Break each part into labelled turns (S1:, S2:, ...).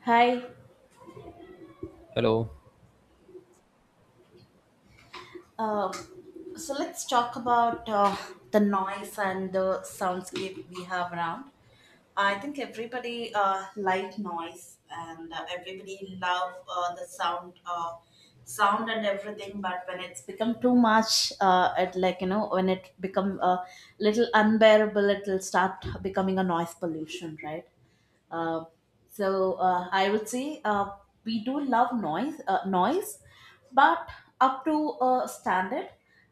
S1: Hi.
S2: Hello.
S1: Um, so let's talk about the noise and the soundscape we have around. I think everybody like noise and everybody love the sound, sound and everything. But when it's become too much, it like when it become a little unbearable, it'll start becoming a noise pollution, right? Uh, I would say we do love noise, noise, but up to a standard,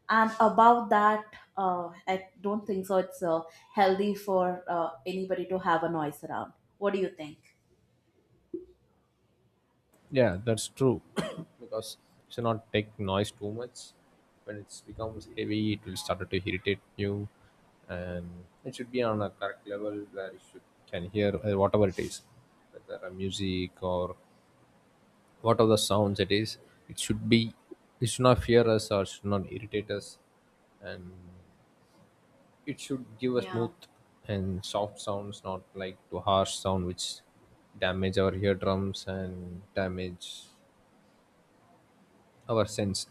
S1: and above that, I don't think so. It's healthy for anybody to have a noise around. What do you think?
S2: Yeah, that's true. Because you should not take noise too much. When it becomes heavy, it will start to irritate you, and it should be on a correct level where you should, can hear whatever it is, whether a music or whatever the sounds it is. It should be. It should not fear us or should not irritate us. It should give a
S1: Yeah,
S2: smooth and soft sounds, not like to harsh sound which damage our eardrums and damage our sense.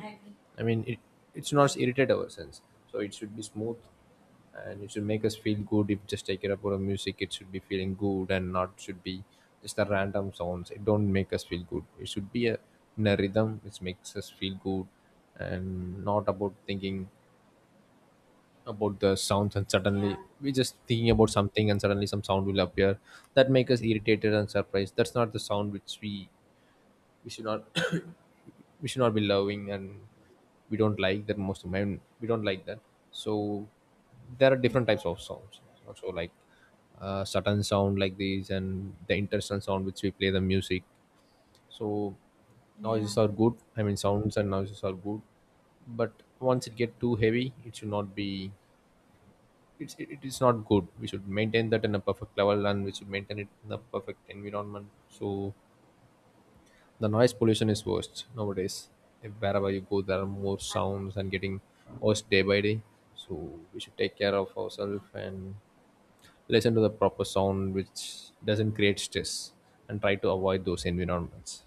S1: I agree.
S2: I mean, it should
S1: Yeah,
S2: not irritate our sense. So it should be smooth, and it should make us feel good. If just take it up or a music, it should be feeling good and not should be just a random sounds. It don't make us feel good. It should be a, in a rhythm which makes us feel good and not about thinking about the sounds, and
S1: yeah,
S2: suddenly we just thinking about something and suddenly some sound will appear that make us irritated and surprised. That's not the sound which we should not, we should not be loving, and we don't like that. Most of men we don't like that. So there are different types of sounds also, like certain sound like these and the interesting sound which we play the music. So
S1: yeah.
S2: noises are good. I mean, sounds and noises are good, but once it get too heavy, it should not be. It is not good. We should maintain that in a perfect level, and we should maintain it in the perfect environment. So the noise pollution is worst nowadays. If wherever you go, there are more sounds and getting worse day by day. So we should take care of ourselves and listen to the proper sound, which doesn't create stress, and try to avoid those environments.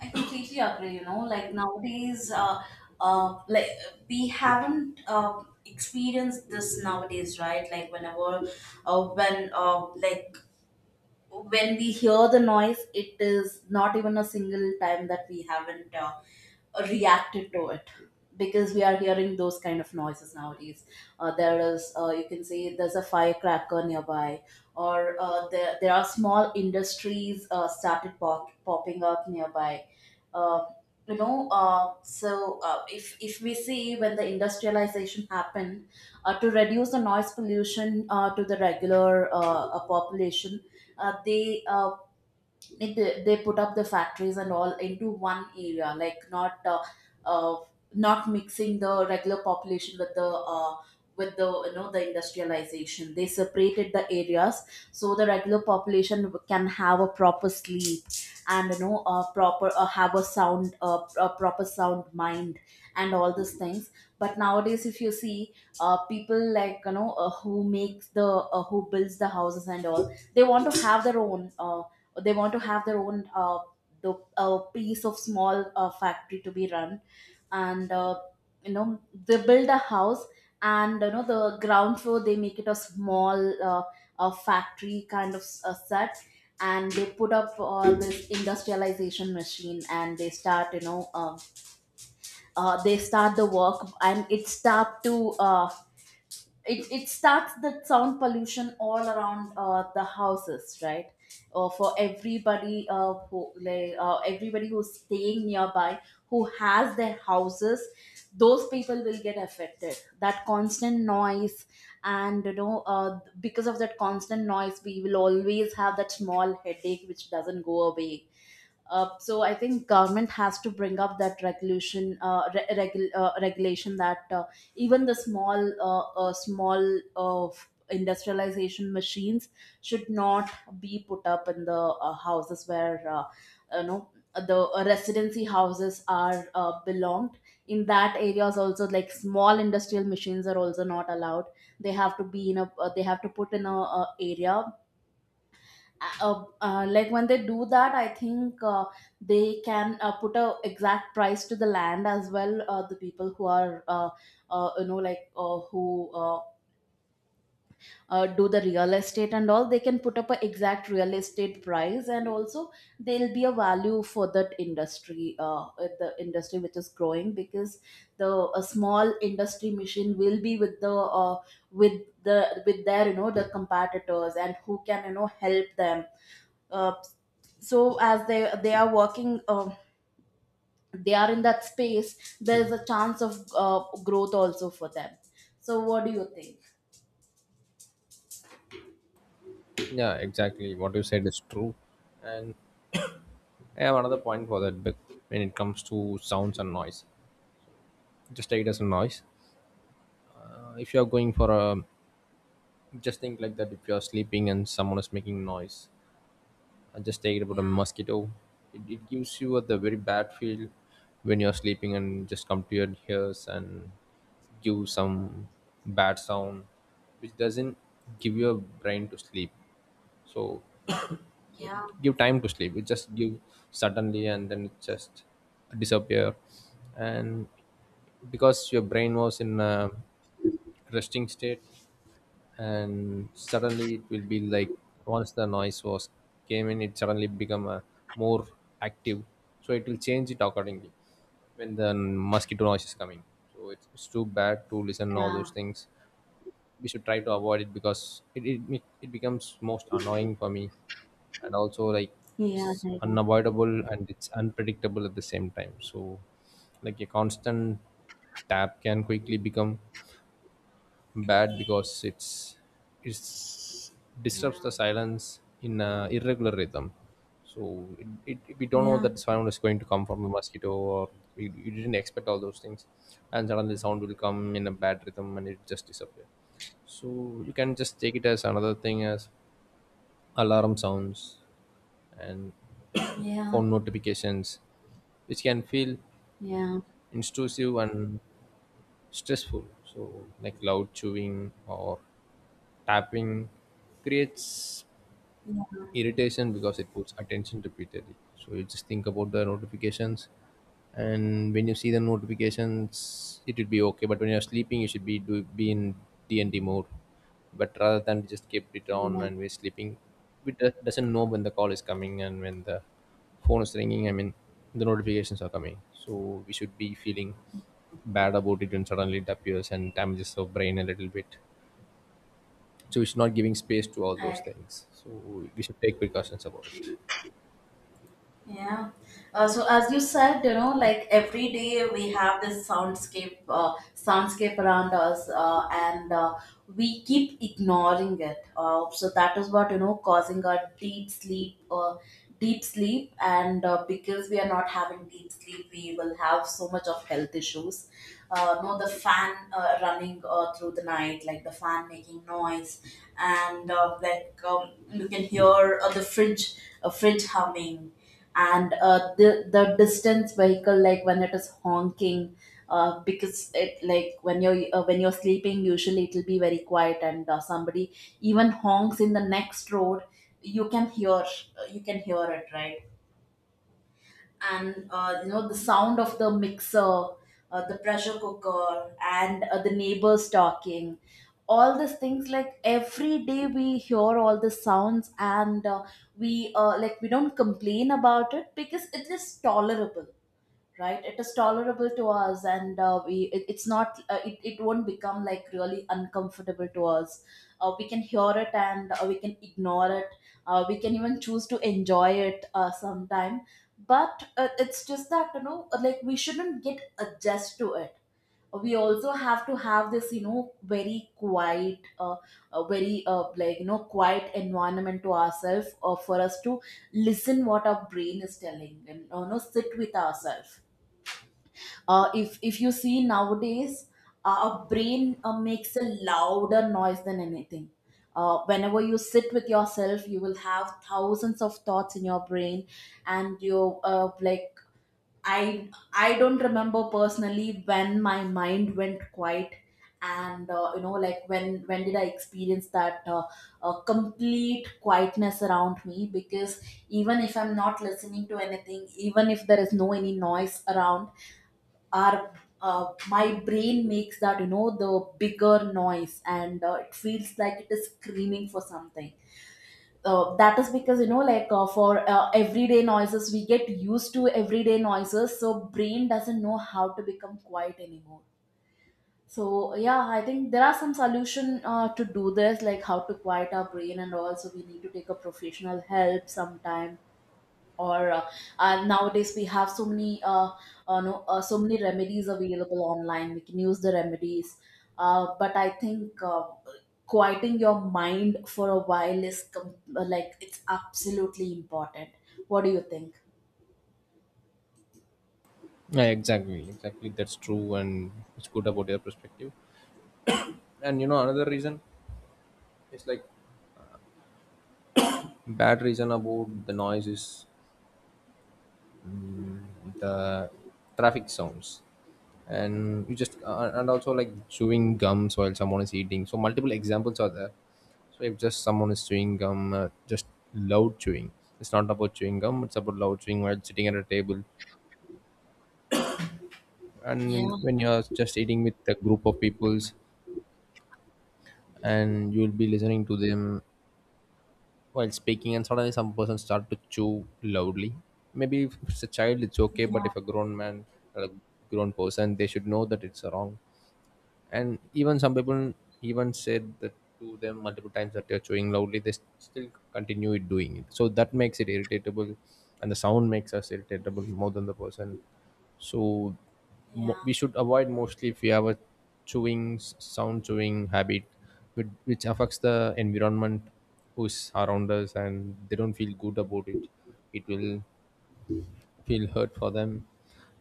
S1: I completely agree. Like nowadays, like we haven't experienced this nowadays, right? Like whenever, like when we hear the noise, it is not even a single time that we haven't reacted to it because we are hearing those kind of noises nowadays. There is, you can say, there's a firecracker nearby, or there are small industries started popping up nearby. Uh, if we see when the industrialization happened, to reduce the noise pollution to the regular population, they like they put up the factories and all into one area like uh, not mixing the regular population with the the industrialization, they separated the areas, so the regular population can have a proper sleep, and a proper have a sound a proper sound mind and all these things. But nowadays if you see, people like who makes the who builds the houses and all, they want to have their own they want to have their own the piece of small factory to be run, and you know they build a house, and the ground floor they make it a small factory kind of set, and they put up all this industrialization machine and they start they start the work and it start to it starts the sound pollution all around the houses, right? For everybody everybody who's staying nearby, who has their houses, those people will get affected that constant noise, and because of that constant noise we will always have that small headache which doesn't go away. So I think government has to bring up that regulation, regulation that even the small, small industrialization machines should not be put up in the houses where the residency houses are belonged. In that areas also, like small industrial machines are also not allowed. They have to be in a, they have to put in a, area. Like when they do that, I think they can put a exact price to the land as well. The people who are like who uh do the real estate and all, they can put up a exact real estate price, and also there'll be a value for that industry, the industry which is growing, because the a small industry machine will be with the uh, with the with their the competitors and who can help them. uh, so as they are working, they are in that space, there is a chance of growth also for them. So what do you think?
S2: Yeah, exactly. What you said is true. And I have another point for that. But when it comes to sounds and noise, just take it as a noise. If you are going for a, just think like that. If you are sleeping and someone is making noise, I just take it about a mosquito. It gives you a, the very bad feel when you're sleeping and just come to your ears and give some bad sound, which doesn't give your brain to sleep. So give time to sleep. It just give suddenly and then it just disappear. And because your brain was in a resting state, and suddenly it will be like once the noise was came in, it suddenly become a more active. So it will change it accordingly when the mosquito noise is coming. So it's too bad to listen all
S1: Yeah,
S2: those things. We should try to avoid it because it it becomes most annoying for me, and also like
S1: yeah,
S2: it's
S1: yeah.
S2: unavoidable and it's unpredictable at the same time. So like a constant tap can quickly become bad because it's disrupts the silence in a irregular rhythm. So we don't know
S1: Yeah,
S2: that sound is going to come from a mosquito, or we didn't expect all those things, and suddenly sound will come in a bad rhythm, and it just disappear. So you can just take it as another thing as alarm sounds and
S1: yeah,
S2: phone notifications, which can feel
S1: yeah,
S2: intrusive and stressful. So, like loud chewing or tapping creates irritation because it puts attention repeatedly. So you just think about the notifications, and when you see the notifications, it will be okay. But when you're sleeping, you should be be in D and D mode. But rather than just keep it on
S1: yeah.
S2: and we're sleeping, it doesn't know when the call is coming and when the phone is ringing. I mean, the notifications are coming, so we should be feeling bad about it when suddenly it appears and damages our brain a little bit. So it's not giving space to all those
S1: I
S2: things, so we should take precautions about it.
S1: Yeah. So as you said, like every day we have this soundscape, soundscape around us, and we keep ignoring it. So that is what causing our deep sleep, and because we are not having deep sleep, we will have so much of health issues. No, the fan running through the night, like the fan making noise, and you can hear the fridge, fridge humming, and the distance vehicle, like when it is honking, because it like when you're sleeping, usually it'll be very quiet, and somebody even honks in the next road, you can hear it, right? And the sound of the mixer, the pressure cooker, and the neighbors talking. All these things, like every day we hear all the sounds, and we like we don't complain about it because it is tolerable, right? It is tolerable to us, and we it, it's not it won't become like really uncomfortable to us. We can hear it, and we can ignore it. We can even choose to enjoy it sometime. But it's just that like we shouldn't get adjust to it. We also have to have this very quiet very like quiet environment to ourselves, for us to listen what our brain is telling, and sit with ourselves. If you see nowadays, our brain makes a louder noise than anything. Whenever you sit with yourself, you will have thousands of thoughts in your brain, and you like i I don't remember personally when my mind went quiet, and like when did I experience that complete quietness around me, because even if I'm not listening to anything, even if there is no any noise around, our my brain makes that the bigger noise, and it feels like it is screaming for something. That is because like for everyday noises, we get used to everyday noises, so brain doesn't know how to become quiet anymore. So yeah, I think there are some solution to do this, like how to quiet our brain, and also we need to take a professional help sometime, or nowadays we have so many no, so many remedies available online. We can use the remedies, but I think quieting your mind for a while is like it's absolutely important. What do you think?
S2: Yeah, exactly, exactly, that's true. And it's good about your perspective. And you know, another reason is like bad reason about the noise is mm, the traffic sounds. And you just and also like chewing gums while someone is eating. So multiple examples are there. So if just someone is chewing gum, just loud chewing. It's not about chewing gum. It's about loud chewing while sitting at a table, and when you're just eating with a group of peoples and you'll be listening to them while speaking, and suddenly some person start to chew loudly. Maybe if it's a child it's okay, but if a grown man or a grown person, they should know that it's wrong. And even some people even said that to them multiple times that they're chewing loudly, they still continue it doing it. So that makes it irritable, and the sound makes us irritable more than the person. So we should avoid mostly if we have a sound chewing habit which affects the environment who's around us, and they don't feel good about it. It will feel hurt for them,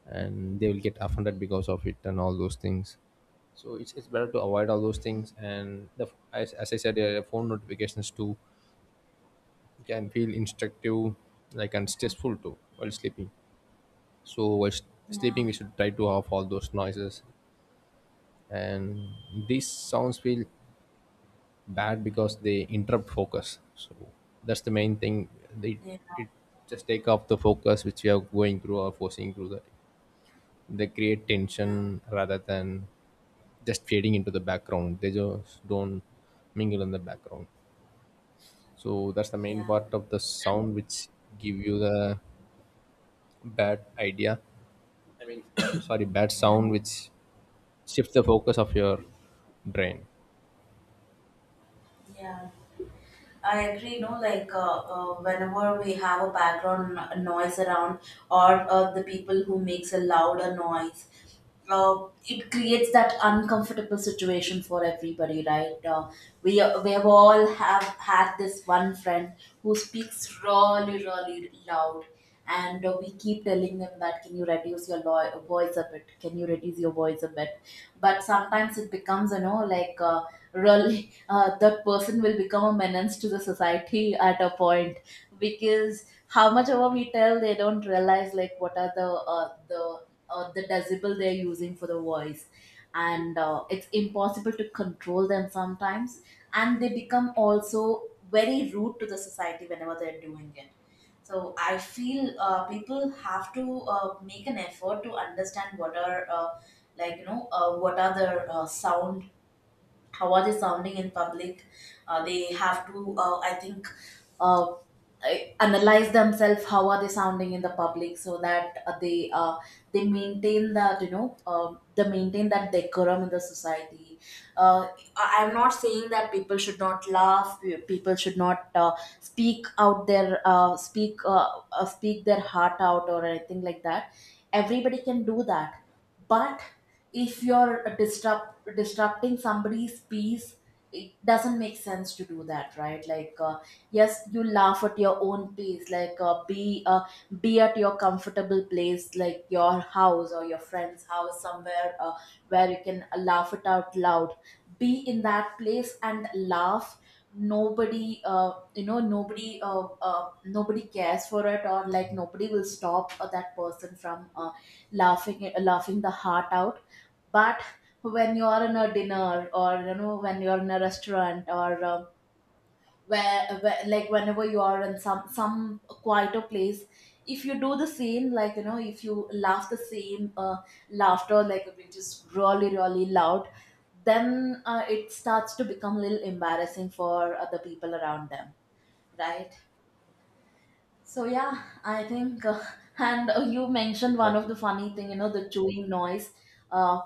S2: and they will get offended because of it and all those things. So it's better to avoid all those things. And the as I said earlier, phone notifications too can feel instructive like and stressful too while sleeping. So sleeping we should try to off all those noises. And these sounds feel bad because they interrupt focus. So that's the main thing. They it just take off the focus which we are going through or forcing through that. They create tension rather than just fading into the background. They just don't mingle in the background. So that's the main part of the sound which give you the bad idea. I mean, sorry, bad sound which shifts the focus of your brain.
S1: I agree, no, like whenever we have a background noise around, or the people who makes a louder noise, it creates that uncomfortable situation for everybody, right? We we have all have had this one friend who speaks really really loud, and we keep telling them that can you reduce your voice a bit? Can you reduce your voice a bit? But sometimes it becomes like really that person will become a menace to the society at a point, because how much ever we tell, they don't realize like what are the the decibel they're using for the voice, and it's impossible to control them sometimes, and they become also very rude to the society whenever they're doing it. So I feel people have to make an effort to understand what are what are the sound, how are they sounding in public. They have to I think uh, analyze themselves how are they sounding in the public, so that they maintain that they maintain that decorum in the society. uh, I'm not saying that people should not laugh, people should not speak out their speak their heart out or anything like that. Everybody can do that. But if you're disrupting somebody's peace, it doesn't make sense to do that, right? Like yes, you laugh at your own pace, like be at your comfortable place, like your house or your friend's house somewhere where you can laugh it out loud. Be in that place and laugh. Nobody nobody nobody cares for it, or like nobody will stop that person from laughing the heart out. But when you're in a dinner, or when you're in a restaurant, or where like whenever you are in some quieter place, if you do the same, like if you laugh the same laughter, like which is really really loud, then it starts to become a little embarrassing for other people around them, right? So yeah, I think, and you mentioned one of
S2: Exactly.
S1: the funny thing, the chewing noise. Uh,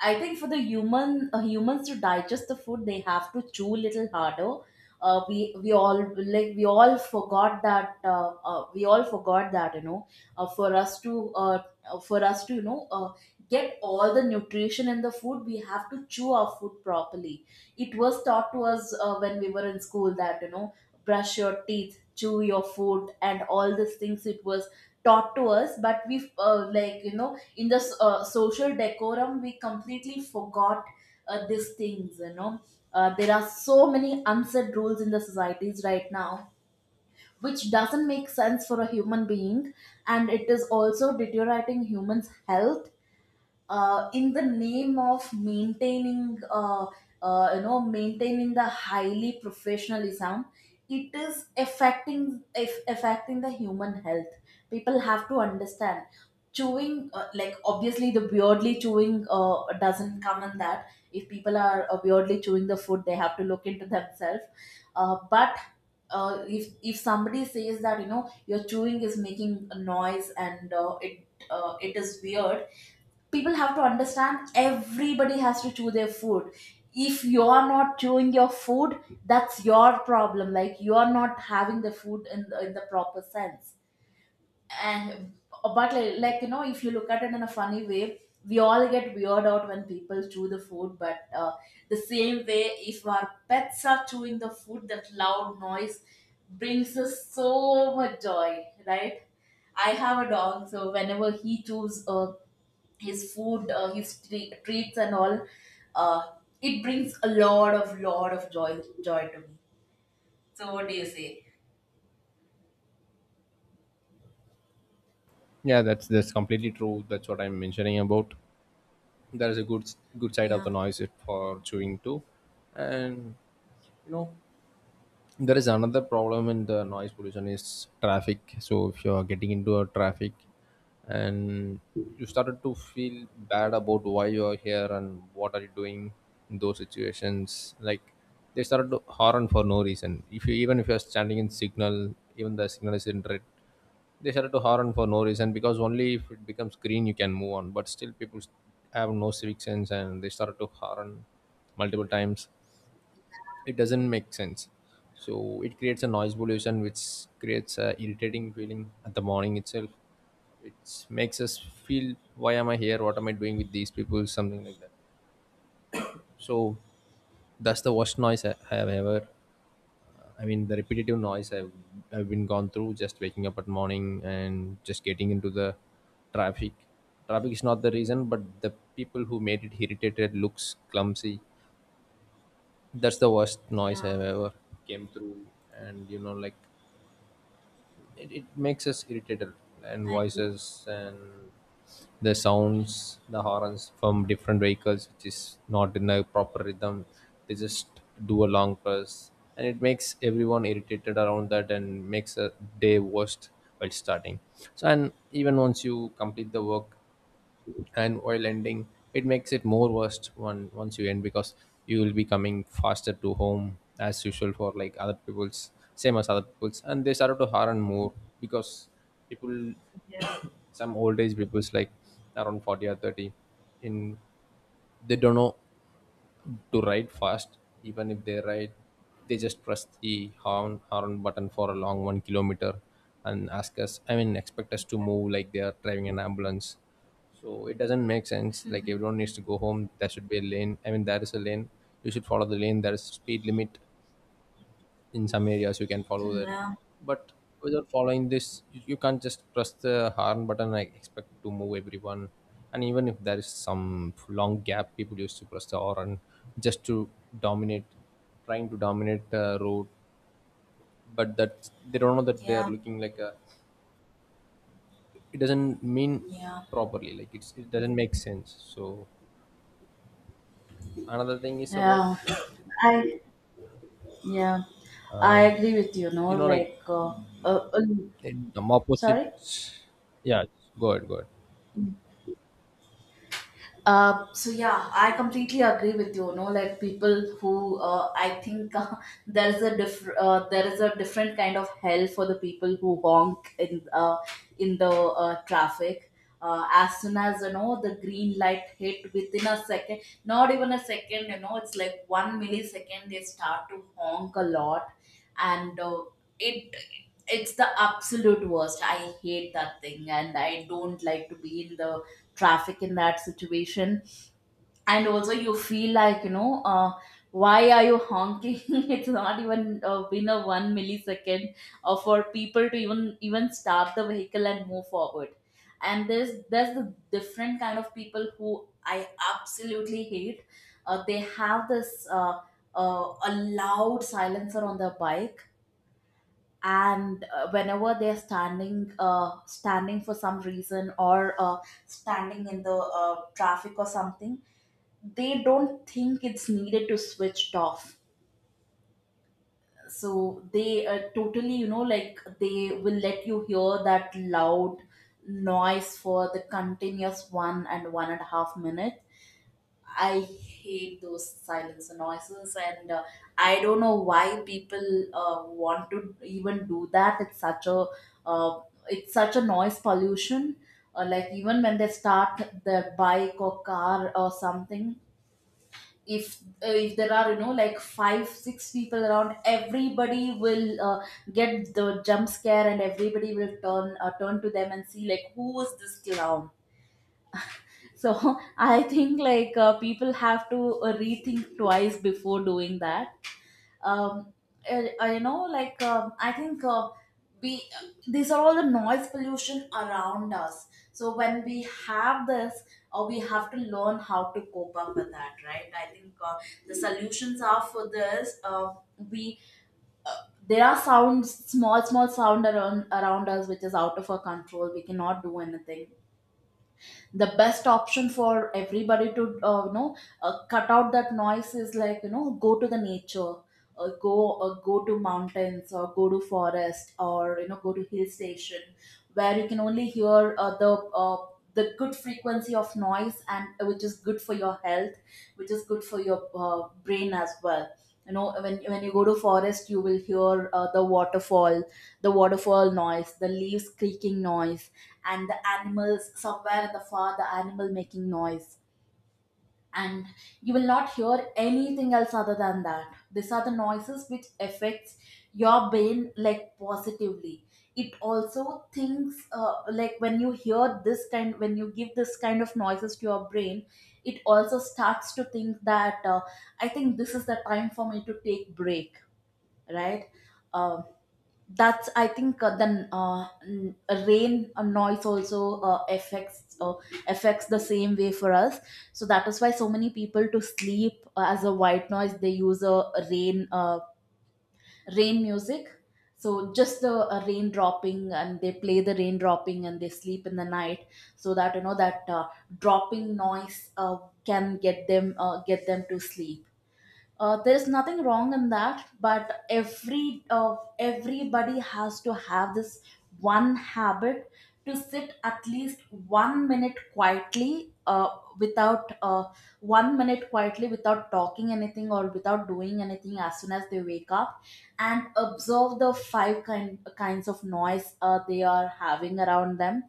S1: I think for the human humans to digest the food, they have to chew little harder. We all we all forgot that, for us to, uh, for us to you know uh, get all the nutrition in the food. We have to chew our food properly. It was taught to us when we were in school that, you know, brush your teeth, chew your food, and all these things. It was taught to us, but we like, you know, in the social decorum, we completely forgot these things, you know. There are so many unsaid rules in the societies right now, which doesn't make sense for a human being, and it is also deteriorating humans health in the name of maintaining, you know, maintaining the highly professionalism. It is affecting, if affecting the human health. People have to understand, chewing like, obviously the weirdly chewing doesn't come in that. If people are weirdly chewing the food, they have to look into themselves. But if somebody says that, you know, your chewing is making a noise and it it is weird, people have to understand everybody has to chew their food. If you're not chewing your food, that's your problem, like, you're not having the food in in the proper sense. And but, like, you know, if you look at it in a funny way, we all get weird out when people chew the food, but the same way, if our pets are chewing the food, that loud noise brings us so much joy, right? I have a dog, so whenever he chews a his food, his treats and all, uh, it brings a lot of joy to me.
S2: Yeah, that's completely true. That's what I'm mentioning about. There is a good good side of
S1: Yeah.
S2: the noise it for chewing too. And you know, there is another problem in the noise pollution is traffic. So if you are getting into a traffic and you started to feel bad about why you are here and what are you doing in those situations, like they started to horn for no reason. If you, even if you are standing in signal, even the signal is in red, they started to horn for no reason because only if it becomes green you can move on. But still people have no civic sense and they started to horn multiple times. It doesn't make sense. So it creates a noise pollution which creates a irritating feeling at the morning itself. It makes us feel why am I here, what am I doing with these people, something like that. So that's the worst noise I have ever, I mean the repetitive noise I've been gone through just waking up at morning and just getting into the traffic. Traffic is not the reason, but the people who made it irritated looks clumsy. That's the worst noise I've ever came through, and you know, like it makes us irritated. And voices and the sounds, the horns from different vehicles, which is not in a proper rhythm. They just do a long press, and it makes everyone irritated around that and makes a day worst while starting. So, and even once you complete the work and while ending, it makes it more worst one once you end. Because you will be coming faster to home as usual for like other people's same as other people's, and they started to harm more. Because people, some old age people's like around 40 or 30 in, they don't know to ride fast. Even if they ride, they just press the horn button for a long 1 kilometer, and ask us. I mean, expect us to move like they are driving an ambulance. So it doesn't make sense. Like everyone needs to go home. There should be a lane. I mean, there is a lane. You should follow the lane. There is speed limit in some areas, you can follow that. But without following this, you can't just press the horn button and expect to move everyone. And even if there is some long gap, people used to press the horn just to dominate, trying to dominate the road. But that they don't know that they are looking like a, it doesn't mean
S1: Yeah.
S2: properly, like it's, it doesn't make sense. So another thing is about,
S1: Yeah. I yeah. I agree with you,
S2: you
S1: no?
S2: know, like
S1: Like uh, uh,
S2: in the opposite.
S1: sorry?
S2: Yeah, go ahead, go ahead.
S1: So yeah, I completely agree with you. No, like, people who I think there is a there is a different kind of hell for the people who honk in the traffic. As soon as you know the green light hit within a second, not even a second, you know, it's like one millisecond, they start to honk a lot, and it it's the absolute worst. I hate that thing, and I don't like to be in the traffic in that situation. And also you feel like, you know, why are you honking? It's not even been a one millisecond for people to even start the vehicle and move forward. And there's the different kind of people who I absolutely hate. They have this a loud silencer on their bike. And whenever they're standing standing for some reason, or standing in the traffic or something, they don't think it's needed to switch it off. So they totally, you know, like, they will let you hear that loud noise for the continuous 1 and 1.5 minutes. I hate those silence noises, and I don't know why people want to even do that. Uh, it's such a noise pollution. Like, even when they start their bike or car or something, if there are, you know, like, five six people around, everybody will get the jump scare, and everybody will turn turn to them and see, like, who is this clown. So I think, like, people have to rethink twice before doing that. Um, you know, like, I think, we, these are all the noise pollution around us. So when we have this, we have to learn how to cope up with that, right? I think the solutions are for this. We There are sounds, small sound around us, which is out of our control. We cannot do anything. The best option for everybody to, you know, cut out that noise is, like, you know, go to the nature. Go to mountains, or go to forest, or, you know, go to hill station, where you can only hear the good frequency of noise, and which is good for your health, which is good for your brain as well. You know, when you go to forest, you will hear the waterfall, the waterfall noise, the leaves creaking noise, and the animals somewhere in the far, the animal making noise. And you will not hear anything else other than that. These are the noises which affects your brain, like, positively. It also thinks, like, when you hear this kind, when you give this kind of noises to your brain, it also starts to think that, I think this is the time for me to take break, right? Um that's, I think, rain noise also affects the same way for us. So that is why so many people to sleep, as a white noise, they use a rain, rain music. So just the rain dropping, and they play the rain dropping, and they sleep in the night. So that, you know, that dropping noise can get them to sleep. There is nothing wrong in that, but everybody has to have this one habit: to sit at least one minute quietly, without one minute quietly, without talking anything or without doing anything as soon as they wake up, and observe the five kinds of noise they are having around them.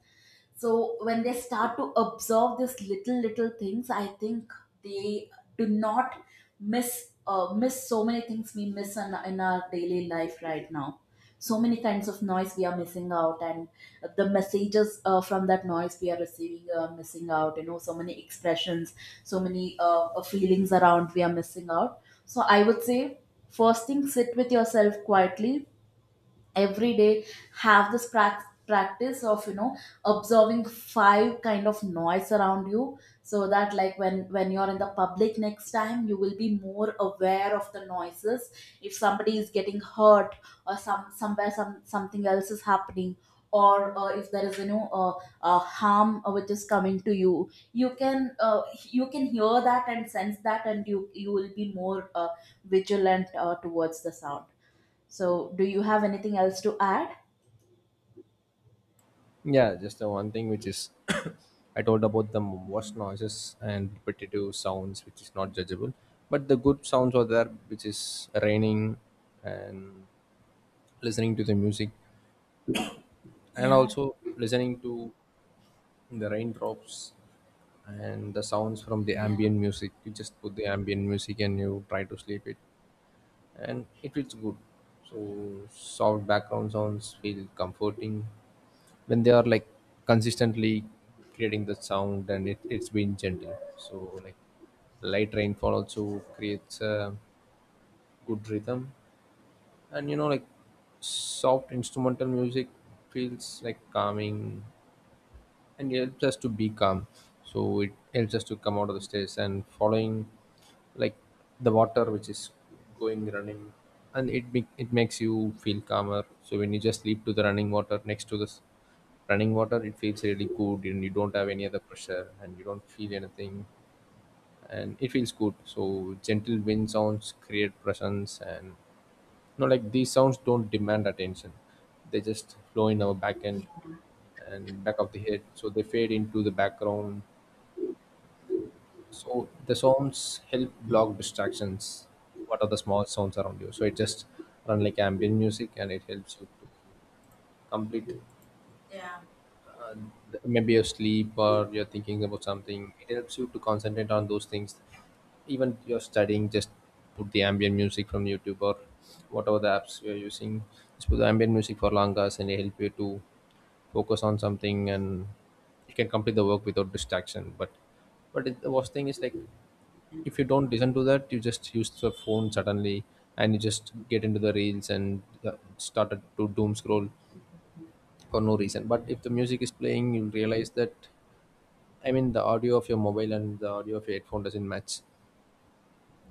S1: So when they start to observe these little things, I think they do not miss miss so many things we miss in our daily life right now. So many kinds of noise we are missing out, and the messages from that noise we are receiving are missing out, you know. So many expressions, so many feelings around we are missing out. So I would say, first thing, sit with yourself quietly every day. Have this practice of, you know, observing five kind of noise around you, so that, like, when you're in the public next time, you will be more aware of the noises. If somebody is getting hurt, or somewhere something else is happening, or if there is, you know, harm which is coming to you, you can hear that and sense that, and you will be more vigilant towards the sound. So, do you have anything else to add?
S2: Yeah, just the one thing which is, I told about the wash noises and repetitive sounds, which is not judgeable. But the good sounds are there, which is raining and listening to the music, and
S1: Yeah.
S2: also listening to the raindrops and the sounds from the
S1: Yeah.
S2: ambient music. You just put the ambient music and you try to sleep it. And it feels good. So soft background sounds feel comforting when they are like consistently creating the sound, and it's been gentle. So like light rainfall also creates a good rhythm, and you know like soft instrumental music feels like calming, and it helps us to be calm, so it helps us to come out of the stress and following like the water which is going running, and it makes you feel calmer. So when you just sleep to the running water, next to this running water, it feels really good and you don't have any other pressure and you don't feel anything and it feels good. So gentle wind sounds create presence and no, like these sounds don't demand attention. They just flow in our back end and back of the head. So they fade into the background. So the sounds help block distractions. What are the small sounds around you? So it just run like ambient music and it helps you to complete maybe your sleep, or you're thinking about something. It helps you to concentrate on those things. Even you're studying, just put the ambient music from YouTube or whatever the apps you're using. Just put the ambient music for long hours and it help you to focus on something, and you can complete the work without distraction. But the worst thing is like if you don't listen to that, you just use the phone suddenly and you just get into the reels and started to doom scroll for no reason. But if the music is playing, you'll realize that, I mean, the audio of your mobile and the audio of your headphone doesn't match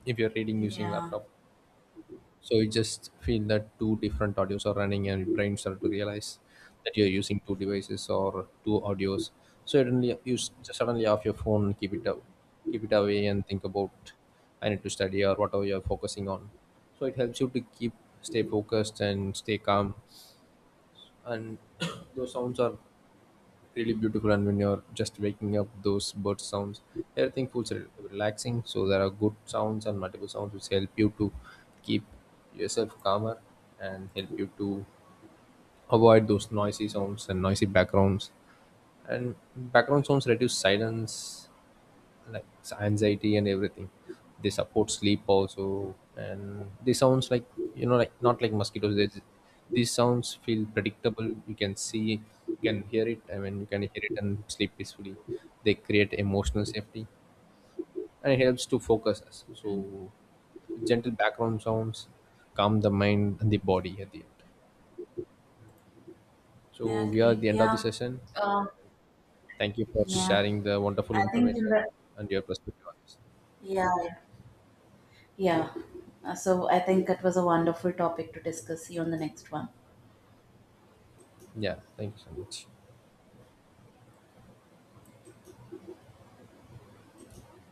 S2: if you're reading using laptop. So you just feel that two different audios are running and your brain started to realize that you're using two devices or two audios. So suddenly you just suddenly off your phone, keep it up, keep it away and think about I need to study or whatever you're focusing on. So it helps you to keep, stay focused and stay calm. And those sounds are really beautiful, and when you're just waking up, those bird sounds, everything feels relaxing. So there are good sounds and multiple sounds which help you to keep yourself calmer and help you to avoid those noisy sounds and noisy backgrounds. And background sounds reduce silence, like anxiety and everything. They support sleep also, and this sounds like, you know, like not like mosquitoes, these sounds feel predictable. You can see, you can hear it, I mean, you can hear it and sleep peacefully. They create emotional safety and it helps to focus us. So gentle background sounds calm the mind and the body at the end. So we are at the end of the session.
S1: Um,
S2: Thank you for
S1: Yeah.
S2: sharing the wonderful
S1: I think in
S2: information
S1: the
S2: and your perspective on this.
S1: yeah. Yeah. So, I think that was a wonderful topic to discuss. See you on the next one.
S2: Yeah, thank you so much.